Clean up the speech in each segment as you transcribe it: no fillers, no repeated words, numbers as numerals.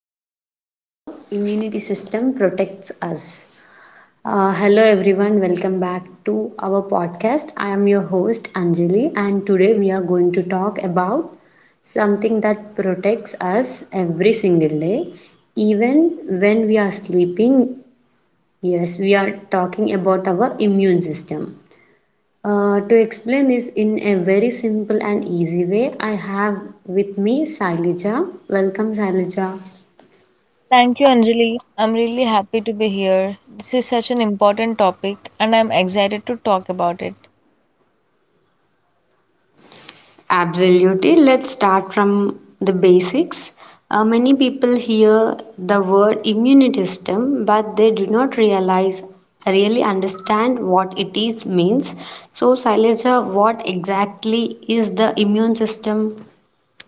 how our immunity system protects us. Hello everyone, welcome back to our podcast. I am your host Anjali, and today we are going to talk about something that protects us every single day, even when we are sleeping. Yes, we are talking about our immune system. To explain this in a very simple and easy way, I have with me Sailaja. Welcome, Sailaja. Thank you, Anjali. I'm really happy to be here. This is such an important topic, and I'm excited to talk about it. Absolutely. Let's start from the basics. Many people hear the word immune system, but they do not really understand what it is means. So, Saileja, what exactly is the immune system?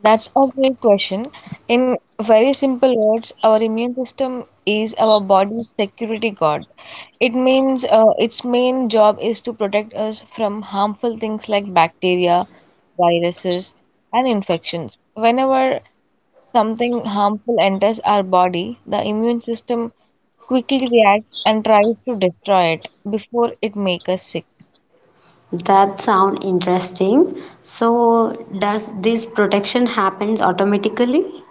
That's a great question. In very simple words, our immune system is our body's security guard. It means its main job is to protect us from harmful things like bacteria, viruses, and infections. Whenever something harmful enters our body, the immune system quickly reacts and tries to destroy it before it makes us sick. That sound interesting. So, does this protection happens automatically?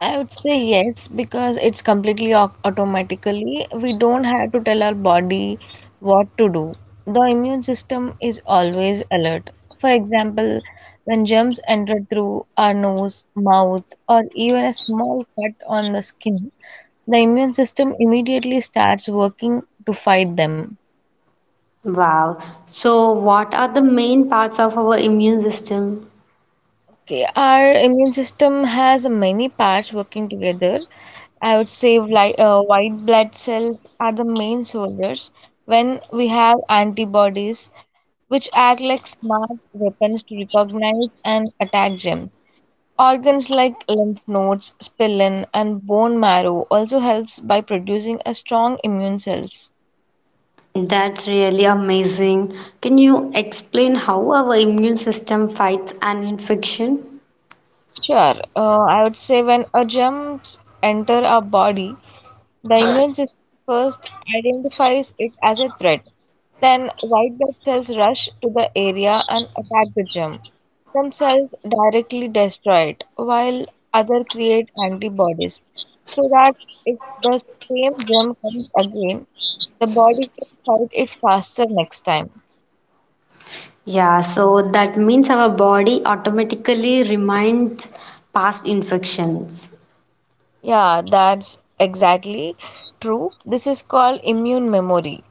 I would say yes, because it's completely automatically. We don't have to tell our body what to do. The immune system is always alert. For example, when germs enter through our nose, mouth, or even a small cut on the skin, the immune system immediately starts working to fight them. Wow. So, what are the main parts of our immune system? Okay, our immune system has many parts working together. I would say like white blood cells are the main soldiers. When we have antibodies, which act like smart weapons to recognize and attack gems. Organs like lymph nodes, spleen, and bone marrow also helps by producing a strong immune cells. That's really amazing. Can you explain how our immune system fights an infection? Sure, I would say when a germ enter our body, the immune system first identifies it as a threat. Then, white blood cells rush to the area and attack the germ. Some cells directly destroy it, while others create antibodies so that if the same germ comes again, the body can fight it faster next time. Yeah, so that means our body automatically reminds past infections. Yeah, that's exactly true. This is called immune memory.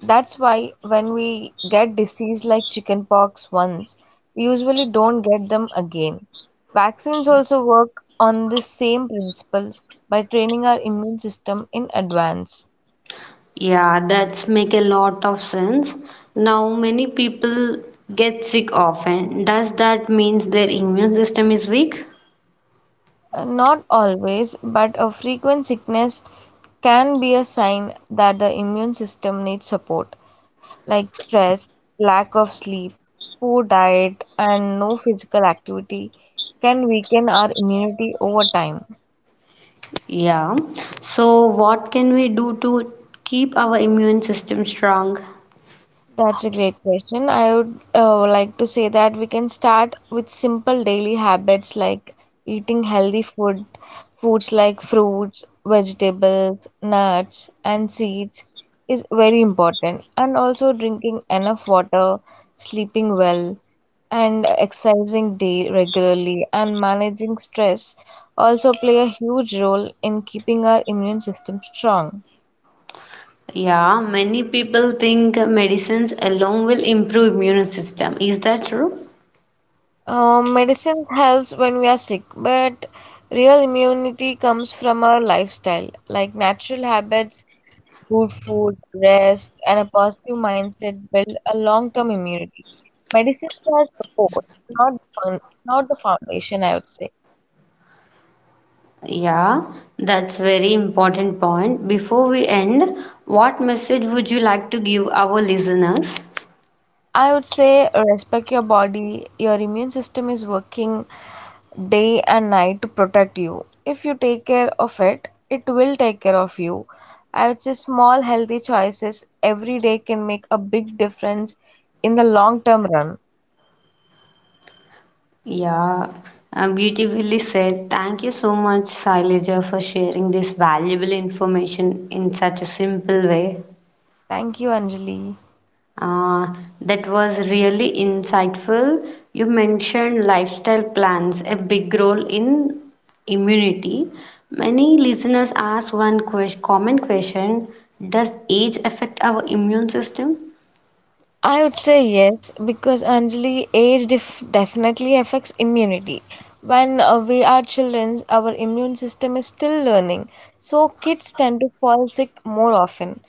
That's why when we get disease like chickenpox once, we usually don't get them again. Vaccines also work on the same principle by training our immune system in advance. Yeah, that's make a lot of sense. Now many people get sick often. Does that means their immune system is weak? Not always, but a frequent sickness can be a sign that the immune system needs support, like stress, lack of sleep, poor diet, and no physical activity can weaken our immunity over time. Yeah. So what can we do to keep our immune system strong? That's a great question. I would like to say that we can start with simple daily habits like eating healthy food, foods like fruits, vegetables, nuts, and seeds is very important. And also drinking enough water, sleeping well, and exercising day regularly and managing stress also play a huge role in keeping our immune system strong. Yeah, many people think medicines alone will improve immune system. Is that true? Medicines helps when we are sick, but real immunity comes from our lifestyle, like natural habits, good food, rest, and a positive mindset build a long-term immunity. Medicines are support, not the fun, not the foundation, I would say. Yeah, that's very important point. Before we end, what message would you like to give our listeners? I would say respect your body. Your immune system is working day and night to protect you. If you take care of it, it will take care of you. I would say small healthy choices every day can make a big difference in the long term run. Yeah, beautifully said. Thank you so much, Sailaja, for sharing this valuable information in such a simple way. Thank you, Anjali. Uh, that was really insightful. You mentioned lifestyle plans, a big role in immunity. Many listeners ask one common question. Does age affect our immune system? I would say yes because Anjali, age definitely affects immunity. When we are children, our immune system is still learning, so kids tend to fall sick more often.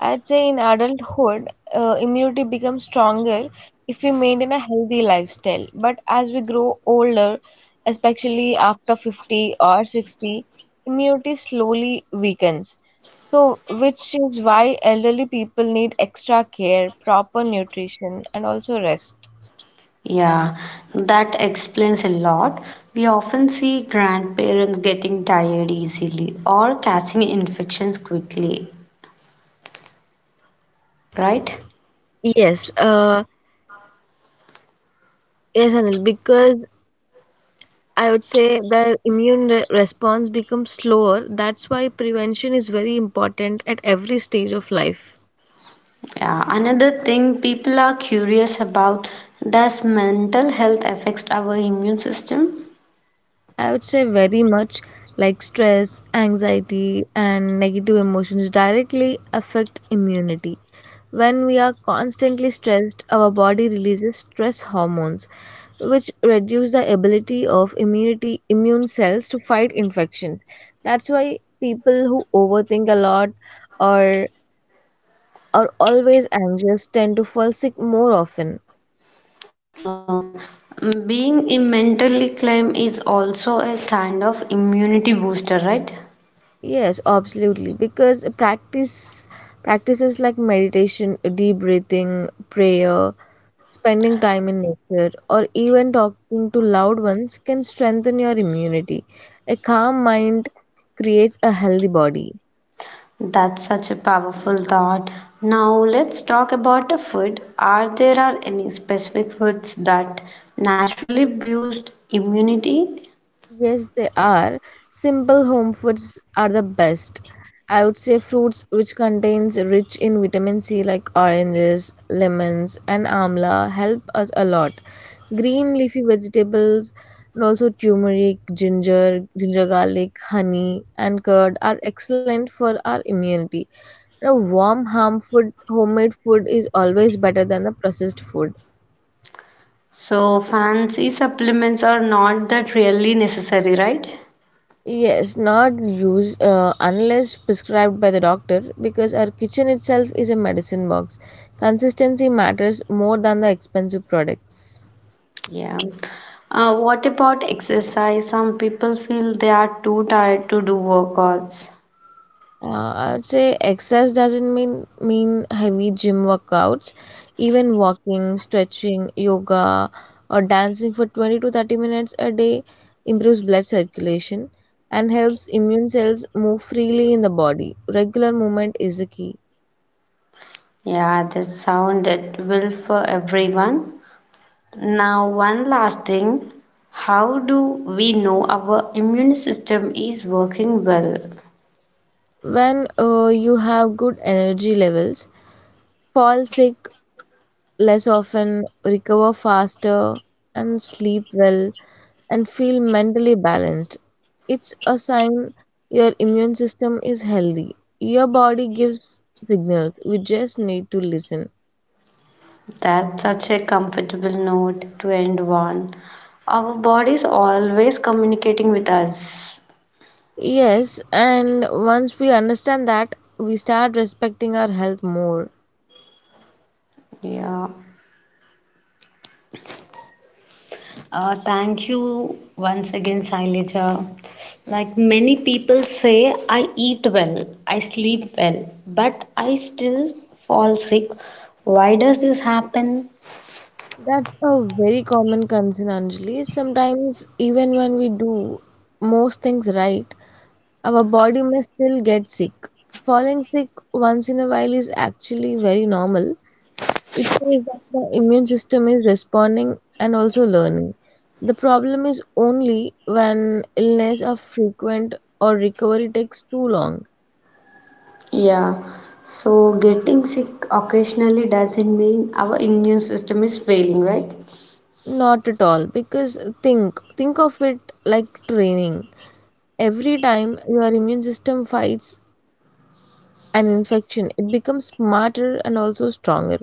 I'd say in adulthood, immunity becomes stronger if we maintain a healthy lifestyle. But as we grow older, especially after 50 or 60, immunity slowly weakens. So, which is why elderly people need extra care, proper nutrition, and also rest. Yeah, that explains a lot. We often see grandparents getting tired easily or catching infections quickly, right? Yes, yes, Anil, because I would say the immune re response becomes slower. That's why prevention is very important at every stage of life. Yeah, another thing people are curious about: does mental health affects our immune system? I would say very much like stress, anxiety, and negative emotions directly affect immunity. When we are constantly stressed, our body releases stress hormones, which reduce the ability of immunity immune cells to fight infections. That's why people who overthink a lot or are always anxious tend to fall sick more often. So, being in mentally calm is also a kind of immunity booster, right? Yes, absolutely. Because practices like meditation, deep breathing, prayer, spending time in nature, or even talking to loved ones can strengthen your immunity. A calm mind creates a healthy body. That's such a powerful thought. Now let's talk about the food. Are there are any specific foods that naturally boost immunity? Yes, they are. Simple home foods are the best. I would say fruits which contains rich in vitamin C like oranges, lemons and amla help us a lot. Green leafy vegetables and also turmeric, ginger garlic, honey and curd are excellent for our immunity. You know, warm home food, homemade food is always better than the processed food. So fancy supplements are not that really necessary, right? Yes, not use unless prescribed by the doctor because our kitchen itself is a medicine box. Consistency matters more than the expensive products. Yeah. What about exercise? Some people feel they are too tired to do workouts. Uh, I would say exercise doesn't mean heavy gym workouts. Even walking, stretching, yoga, or dancing for 20 to 30 minutes a day improves blood circulation and helps immune cells move freely in the body. Regular movement is the key. Yeah, that sounded well for everyone. Now, one last thing. How do we know our immune system is working well? When you have good energy levels, fall sick less often, recover faster, and sleep well, and feel mentally balanced. It's a sign your immune system is healthy. Your body gives signals, we just need to listen. That's such a comfortable note to end on. Our body is always communicating with us. Yes, and once we understand that, we start respecting our health more. Yeah. Thank you once again, Saileja. Like many people say, I eat well, I sleep well, but I still fall sick. Why does this happen? That's a very common concern, Anjali. Sometimes, even when we do most things right, our body may still get sick. Falling sick once in a while is actually very normal. It shows that the immune system is responding and also learning. The problem is only when illness are frequent or recovery takes too long. Yeah, so getting sick occasionally doesn't mean our immune system is failing, right? Not at all, because think of it like training. Every time your immune system fights an infection, it becomes smarter and also stronger.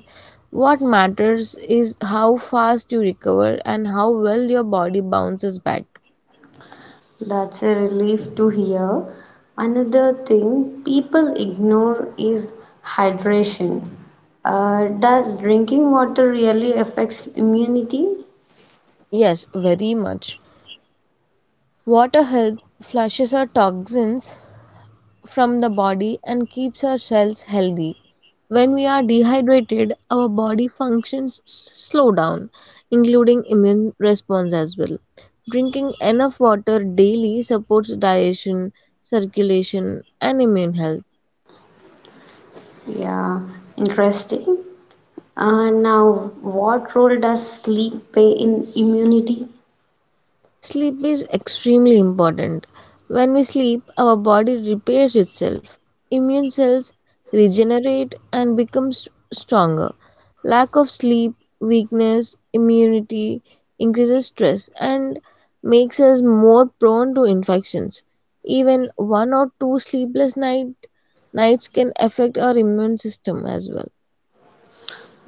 What matters is how fast you recover and how well your body bounces back. That's a relief to hear. Another thing people ignore is hydration. Does drinking water really affects immunity? Yes, very much. Water helps flushes our toxins from the body and keeps our cells healthy. When we are dehydrated, our body functions slow down, including immune response as well. Drinking enough water daily supports digestion, circulation, and immune health. Yeah, interesting. Now, what role does sleep play in immunity? Sleep is extremely important. When we sleep, our body repairs itself. Immune cells regenerate and becomes stronger. Lack of sleep, weakness, immunity increases stress and makes us more prone to infections. Even one or two sleepless nights can affect our immune system as well.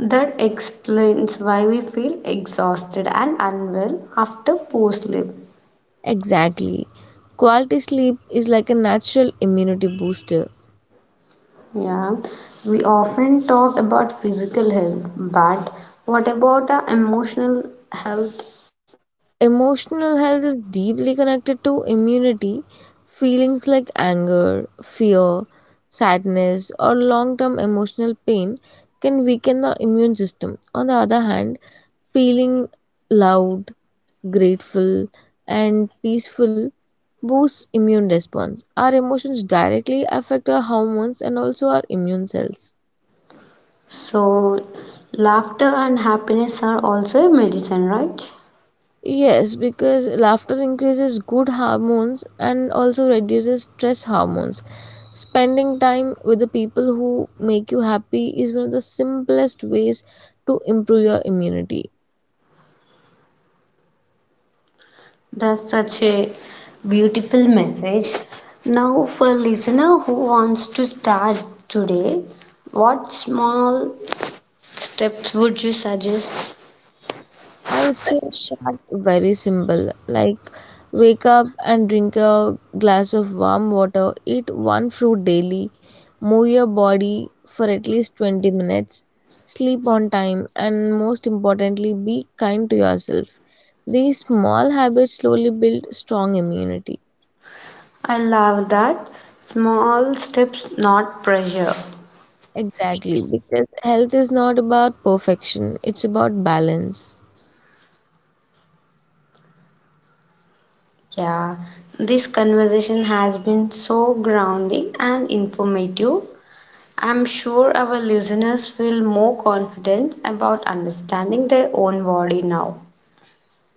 That explains why we feel exhausted and unwell after poor sleep. Exactly. Quality sleep is like a natural immunity booster. Yeah, we often talk about physical health, but what about our emotional health? Emotional health is deeply connected to immunity. Feelings like anger, fear, sadness, or long term emotional pain can weaken the immune system. On the other hand, feeling loud, grateful, and peaceful boosts immune response. Our emotions directly affect our hormones and also our immune cells. So, laughter and happiness are also a medicine, right? Yes, because laughter increases good hormones and also reduces stress hormones. Spending time with the people who make you happy is one of the simplest ways to improve your immunity. That's such a beautiful message. Now, for listener who wants to start today, what small steps would you suggest? I would say start very simple, like wake up and drink a glass of warm water, eat one fruit daily, move your body for at least 20 minutes, sleep on time, and most importantly, be kind to yourself. These small habits slowly build strong immunity. I love that. Small steps, not pressure. Exactly, because health is not about perfection, it's about balance. Yeah, this conversation has been so grounding and informative. I'm sure our listeners feel more confident about understanding their own body now.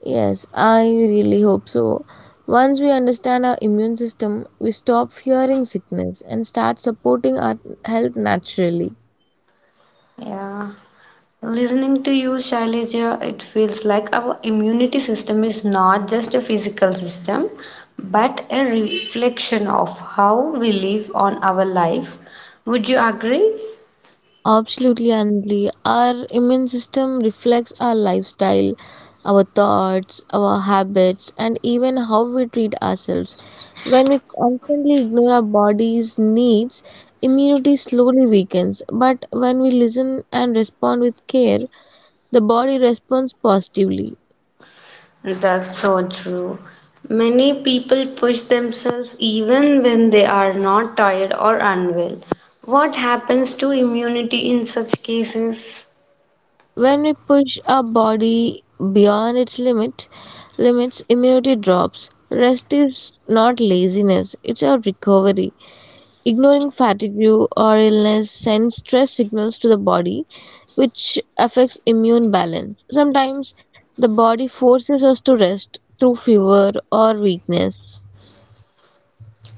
Yes, I really hope so. Once we understand our immune system, we stop fearing sickness and start supporting our health naturally. Yeah. Listening to you, Shailaja, it feels like our immunity system is not just a physical system, but a reflection of how we live on our life. Would you agree? Absolutely, Anjali. Our immune system reflects our lifestyle, our thoughts, our habits, and even how we treat ourselves. When we constantly ignore our body's needs, immunity slowly weakens. But when we listen and respond with care, the body responds positively. That's so true. Many people push themselves even when they are not tired or unwell. What happens to immunity in such cases? When we push our body beyond its limit, limits immunity drops. Rest is not laziness, it's our recovery. Ignoring fatigue or illness sends stress signals to the body, which affects immune balance. Sometimes the body forces us to rest through fever or weakness.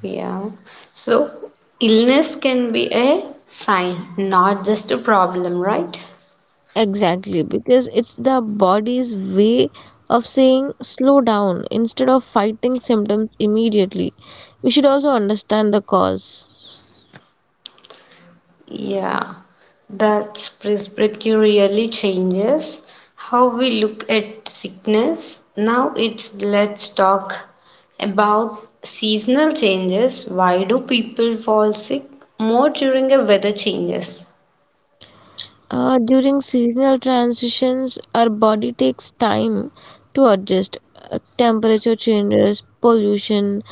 Yeah. So, illness can be a sign, not just a problem, right? Exactly, because it's the body's way of saying slow down. Instead of fighting symptoms immediately, we should also understand the cause. Yeah, that's perspective really changes how we look at sickness. Now it's let's talk about seasonal changes. Why do people fall sick more during the weather changes? During seasonal transitions, our body takes time to adjust. Temperature changes, pollution,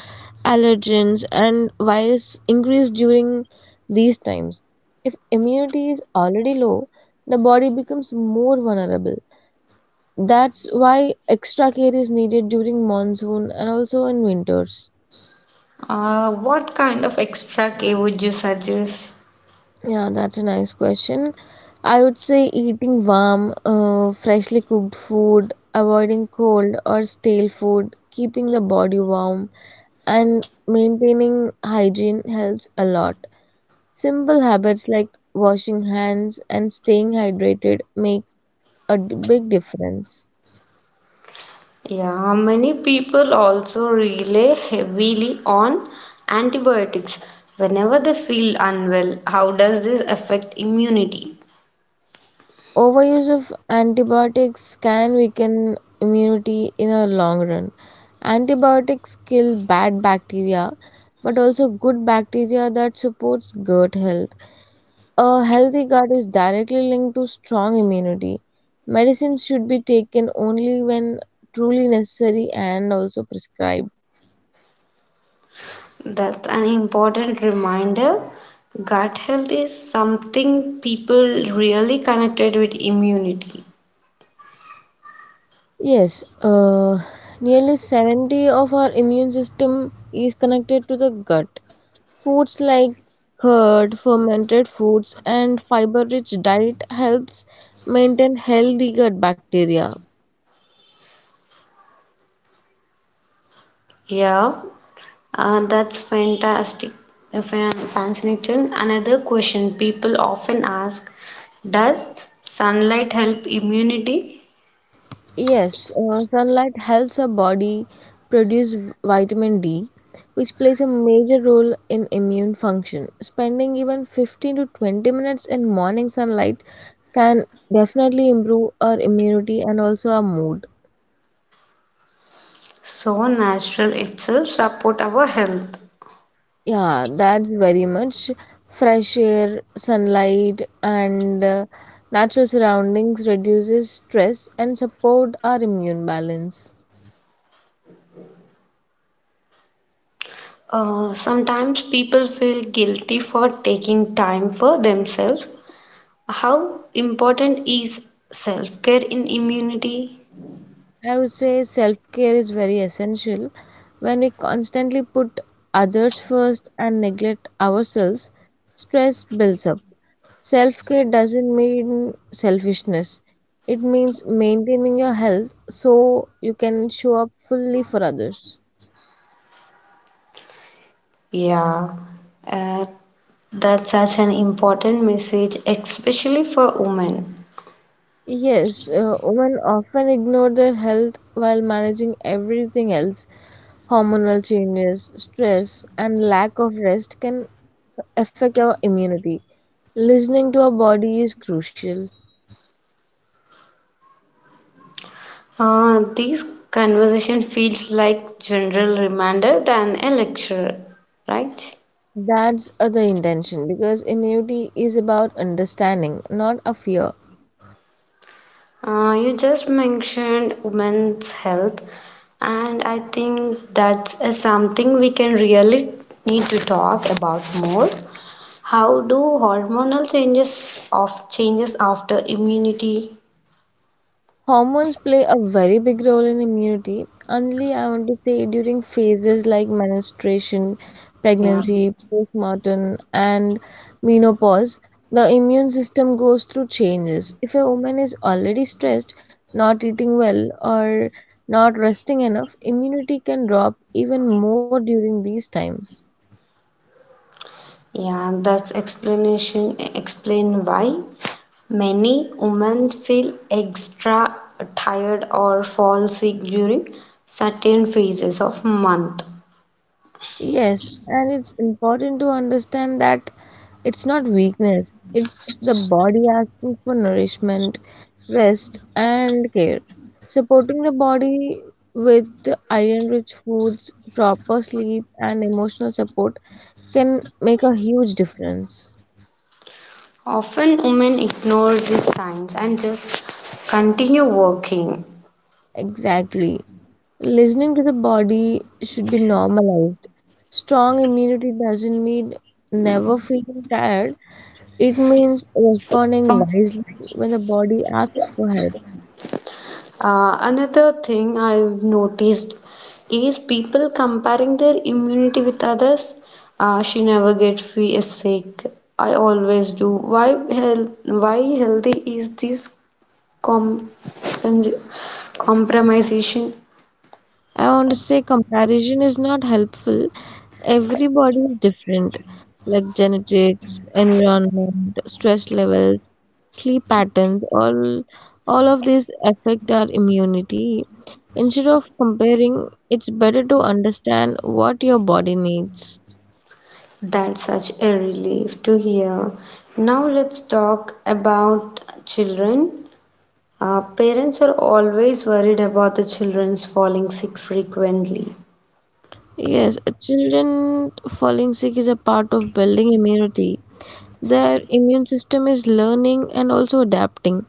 allergens, and virus increase during these times. If immunity is already low, the body becomes more vulnerable. That's why extra care is needed during monsoon and also in winters. What kind of extra care would you suggest? Yeah, that's a nice question. I would say eating warm, freshly cooked food, avoiding cold or stale food, keeping the body warm, and maintaining hygiene helps a lot. Simple habits like washing hands and staying hydrated make a big difference. Yeah, many people also rely heavily on antibiotics whenever they feel unwell. How does this affect immunity? Overuse of antibiotics can weaken immunity in the long run. Antibiotics kill bad bacteria, but also good bacteria that supports gut health. A healthy gut is directly linked to strong immunity. Medicines should be taken only when truly necessary and also prescribed. That's an important reminder. Gut health is something people really connected with immunity. Yes, nearly 70 of our immune system is connected to the gut. Foods like curd, fermented foods, and fiber-rich diet helps maintain healthy gut bacteria. Yeah, that's fantastic, fascinating. Another question people often ask, does sunlight help immunity? Yes, sunlight helps our body produce vitamin D, which plays a major role in immune function. Spending even 15 to 20 minutes in morning sunlight can definitely improve our immunity and also our mood. So natural itself support our health. Yeah, that's very much. Fresh air, sunlight, and natural surroundings reduces stress and support our immune balance. Sometimes people feel guilty for taking time for themselves. How important is self-care in immunity? I would say self-care is very essential. When we constantly put others first and neglect ourselves, stress builds up. Self-care doesn't mean selfishness. It means maintaining your health so you can show up fully for others. Yeah, uh, that's such an important message, especially for women. Yes, women often ignore their health while managing everything else. Hormonal changes, stress, and lack of rest can affect our immunity. Listening to our body is crucial. This conversation feels like general reminder than a lecture, right? That's the intention because immunity is about understanding, not a fear. You just mentioned women's health, and I think that's something we can really need to talk about more. How do hormonal changes of changes after immunity? Hormones play a very big role in immunity. Only I want to say during phases like menstruation, Yeah, pregnancy, postpartum, and menopause, the immune system goes through changes. If a woman is already stressed, not eating well, or not resting enough, immunity can drop even more during these times. yeah, that's explanation explain why many women feel extra tired or fall sick during certain phases of month. Yes, and it's important to understand that it's not weakness, it's the body asking for nourishment, rest, and care. Supporting the body with iron rich foods, proper sleep, and emotional support can make a huge difference. Often women ignore these signs and just continue working. Exactly. Listening to the body should be normalized. Strong immunity doesn't mean never feeling tired. It means responding wisely when the body asks for help. Another thing I've noticed is people comparing their immunity with others. She never gets sick. I always do. Why healthy is this compens- compromisation? I want to say comparison is not helpful. Everybody is different, like genetics, environment, stress levels, sleep patterns, all of these affect our immunity. Instead of comparing, it's better to understand what your body needs. That's such a relief to hear. Now let's talk about children. Parents are always worried about the children's falling sick frequently. Yes, children falling sick is a part of building immunity. Their immune system is learning and also adapting.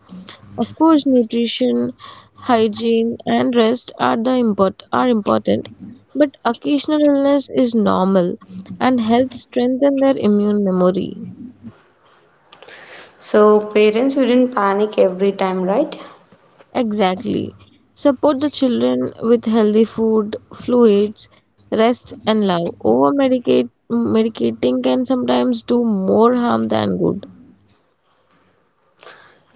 Of course, nutrition, hygiene, and rest are the important, but occasional illness is normal and helps strengthen their immune memory. So parents shouldn't panic every time, right? Exactly. Support the children with healthy food, fluids, rest, and love. Over medicate medicating can sometimes do more harm than good.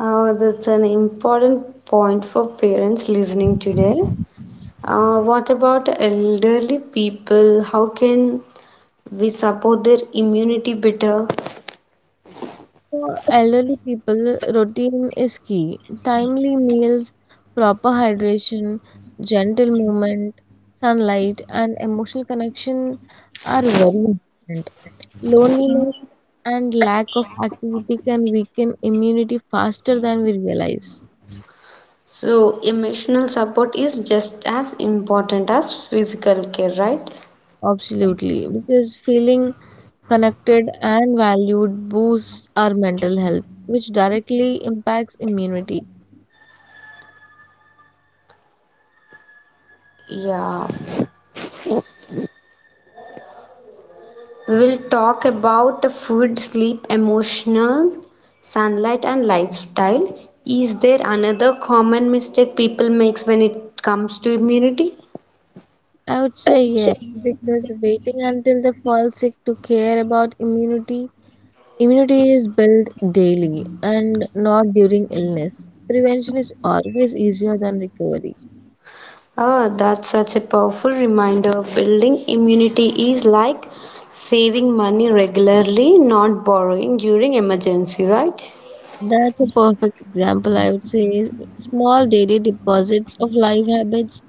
That's an important point for parents listening today. What about elderly people? How can we support their immunity better? For elderly people, routine is key. Timely meals, proper hydration, gentle movement, sunlight, and emotional connection are very important. Loneliness and lack of activity can weaken immunity faster than we realize. So emotional support is just as important as physical care, right? Absolutely, because feeling connected and valued boosts our mental health, which directly impacts immunity. Yeah. We will talk about the food, sleep, emotional, sunlight, and lifestyle. Is there another common mistake people makes when it comes to immunity? I would say yes, because waiting until they fall sick to care about immunity, immunity is built daily and not during illness. Prevention is always easier than recovery. Ah, that's such a powerful reminder. Building immunity is like saving money regularly, not borrowing during emergency, right? That's a perfect example, I would say. Small daily deposits of life habits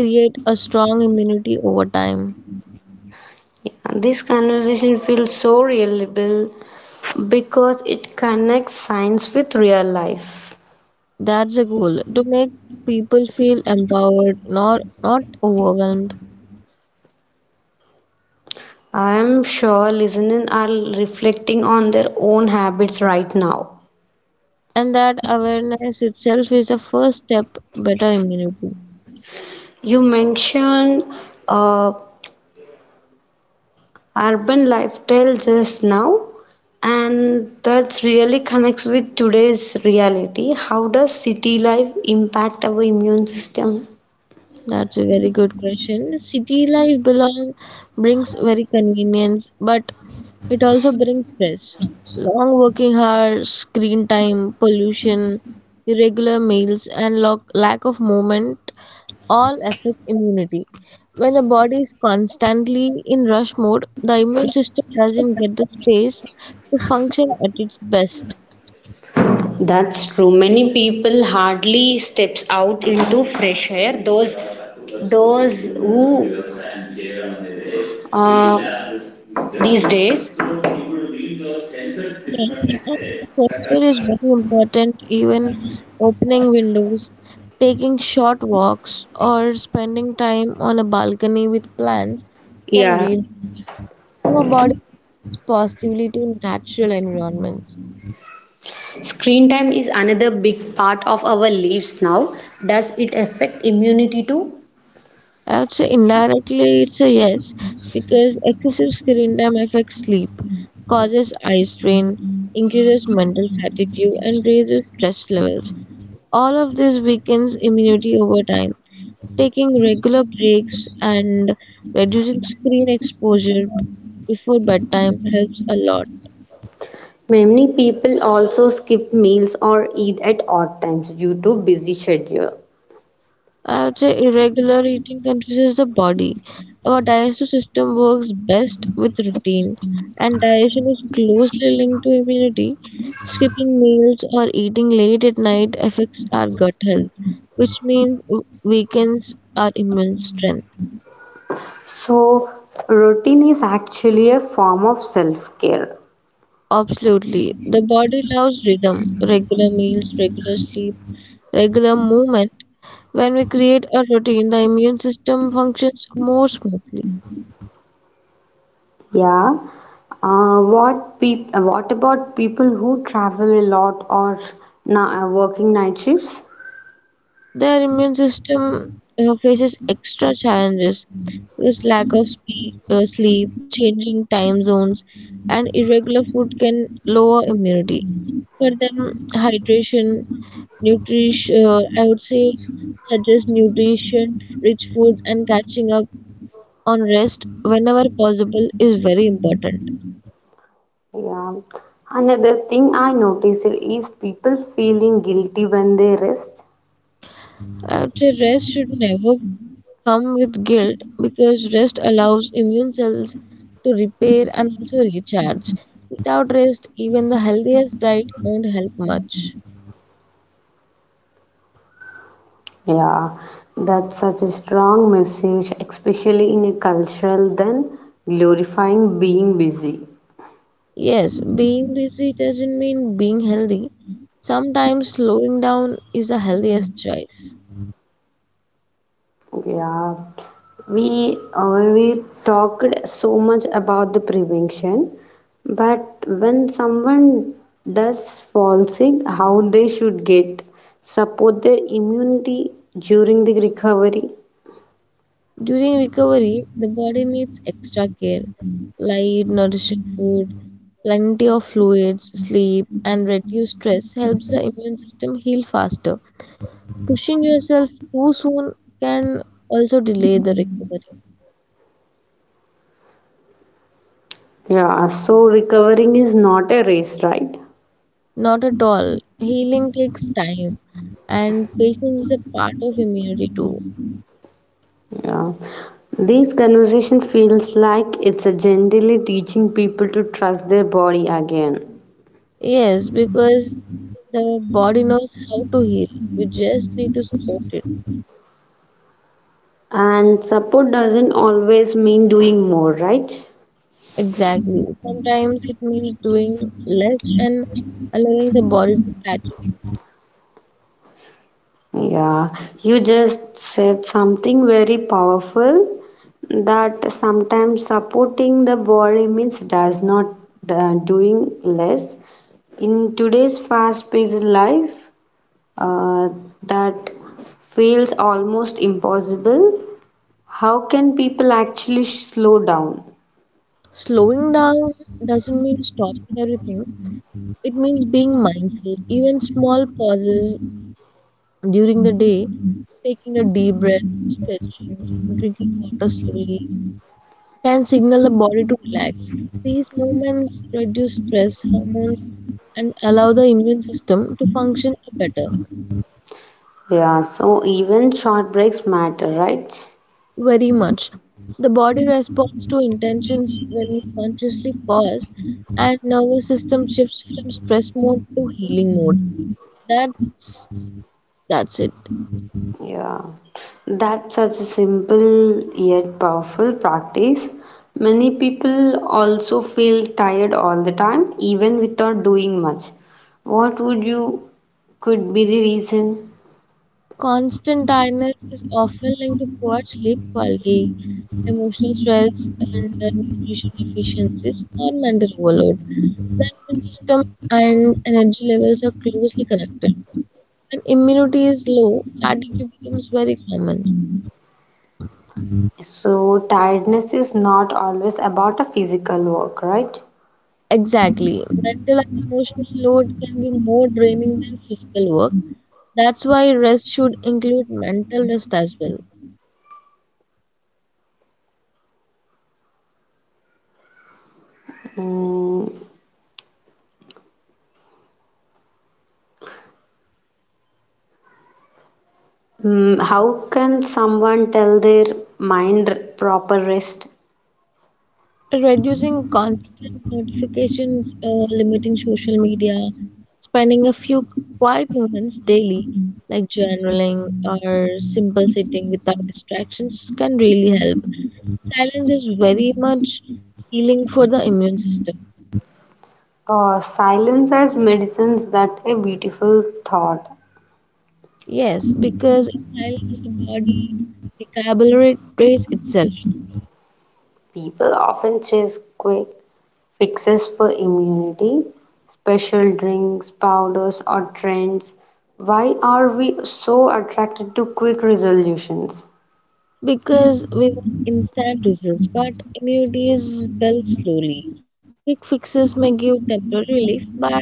create a strong immunity over time. Yeah, this conversation feels so relatable because it connects science with real life. That's the goal, to make people feel empowered, not overwhelmed. I am sure listeners are reflecting on their own habits right now. And that awareness itself is the first step better immunity. You mentioned uh, urban lifestyle just now, and that really connects with today's reality. How does city life impact our immune system? That's a very good question. City life belong brings very convenience, but it also brings stress. Long working hours, screen time, pollution, irregular meals, and lack of movement all affect immunity. When the body is constantly in rush mode, the immune system doesn't get the space to function at its best. That's true. Many people hardly steps out into fresh air. Those who uh, these days, Yes, and the posture is very important. Even opening windows, taking short walks, or spending time on a balcony with plants can yeah. really our body positively to natural environments. Screen time is another big part of our lives now. Does it affect immunity too? I would say indirectly it's a yes because excessive screen time affects sleep, causes eye strain, increases mental fatigue, and raises stress levels. All of this weakens immunity over time. Taking regular breaks and reducing screen exposure before bedtime helps a lot. Many people also skip meals or eat at odd times due to busy schedule. I would say irregular eating confuses the body. Our digestive system works best with routine, and digestion is closely linked to immunity. Skipping meals or eating late at night affects our gut health, which means weakens our immune strength. So routine is actually a form of self-care. Absolutely. The body loves rhythm, regular meals, regular sleep, regular movement. When we create a routine, the immune system functions more smoothly. Yeah. What what about people who travel a lot or working night shifts? Their immune system faces extra challenges because lack of sleep, changing time zones, and irregular food can lower immunity. For them, hydration, nutrition, I would say, such as nutrition, rich food, and catching up on rest whenever possible is very important. Yeah. Another thing I noticed is people feeling guilty when they rest. I would say rest should never come with guilt because rest allows immune cells to repair and also recharge. Without rest, even the healthiest diet won't help much. Yeah, that's such a strong message, especially in a cultural than glorifying being busy. Yes, being busy doesn't mean being healthy. Sometimes slowing down is the healthiest choice. Yeah, we talked so much about the prevention, but when someone does fall sick, how they should get support their immunity during the recovery. During recovery, the body needs extra care, light, nourishing food, plenty of fluids, sleep, and reduced stress helps the immune system heal faster. Pushing yourself too soon can also delay the recovery. Yeah, so recovering is not a race, right? Not at all. Healing takes time, and patience is a part of immunity too. Yeah. This conversation feels like it's a generally teaching people to trust their body again. Yes, because the body knows how to heal. You just need to support it. And support doesn't always mean doing more, right? Exactly. Sometimes it means doing less and allowing the body to catch up. Yeah. You just said something very powerful, that sometimes supporting the body means does not doing less. In today's fast-paced life, uh, that feels almost impossible. How can people actually slow down? Slowing down doesn't mean stopping everything, it means being mindful. Even small pauses during the day. Taking a deep breath, stretching, drinking water slowly can signal the body to relax. These movements reduce stress hormones and allow the immune system to function better. Yeah, so even short breaks matter, right? Very much. The body responds to intentions when we consciously pause and nervous system shifts from stress mode to healing mode. That's that's it. Yeah, that's such a simple yet powerful practice. Many people also feel tired all the time, even without doing much. What would you could be the reason? Constant tiredness is often linked to poor sleep quality emotional stress and nutrition deficiencies or mental overload. The immune system and energy levels are closely connected. When immunity is low, fatigue becomes very common. So, tiredness is not always about a physical work, right? Exactly. Mental and emotional load can be more draining than physical work. That's why rest should include mental rest as well. Mm, how can someone tell their mind proper rest? Reducing constant notifications, limiting social media, spending a few quiet moments daily, like journaling or simple sitting without distractions, can really help. Silence is very much healing for the immune system. Silence as medicines that a beautiful thought. Yes, because in silence, the body recalibrates itself. People often chase quick fixes for immunity, special drinks, powders, or trends. Why are we so attracted to quick resolutions? Because we want instant results, but immunity is built slowly. Quick fixes may give temporary relief, but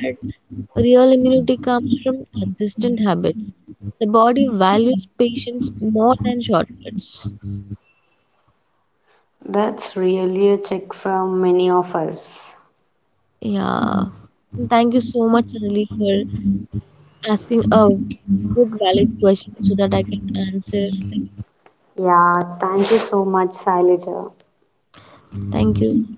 real immunity comes from consistent habits. The body values patience more than shortcuts. That's really a check from many of us. Yeah. And thank you so much, Anjali, for asking a good, valid question so that I can answer. Yeah, thank you so much, Sailaja. Thank you.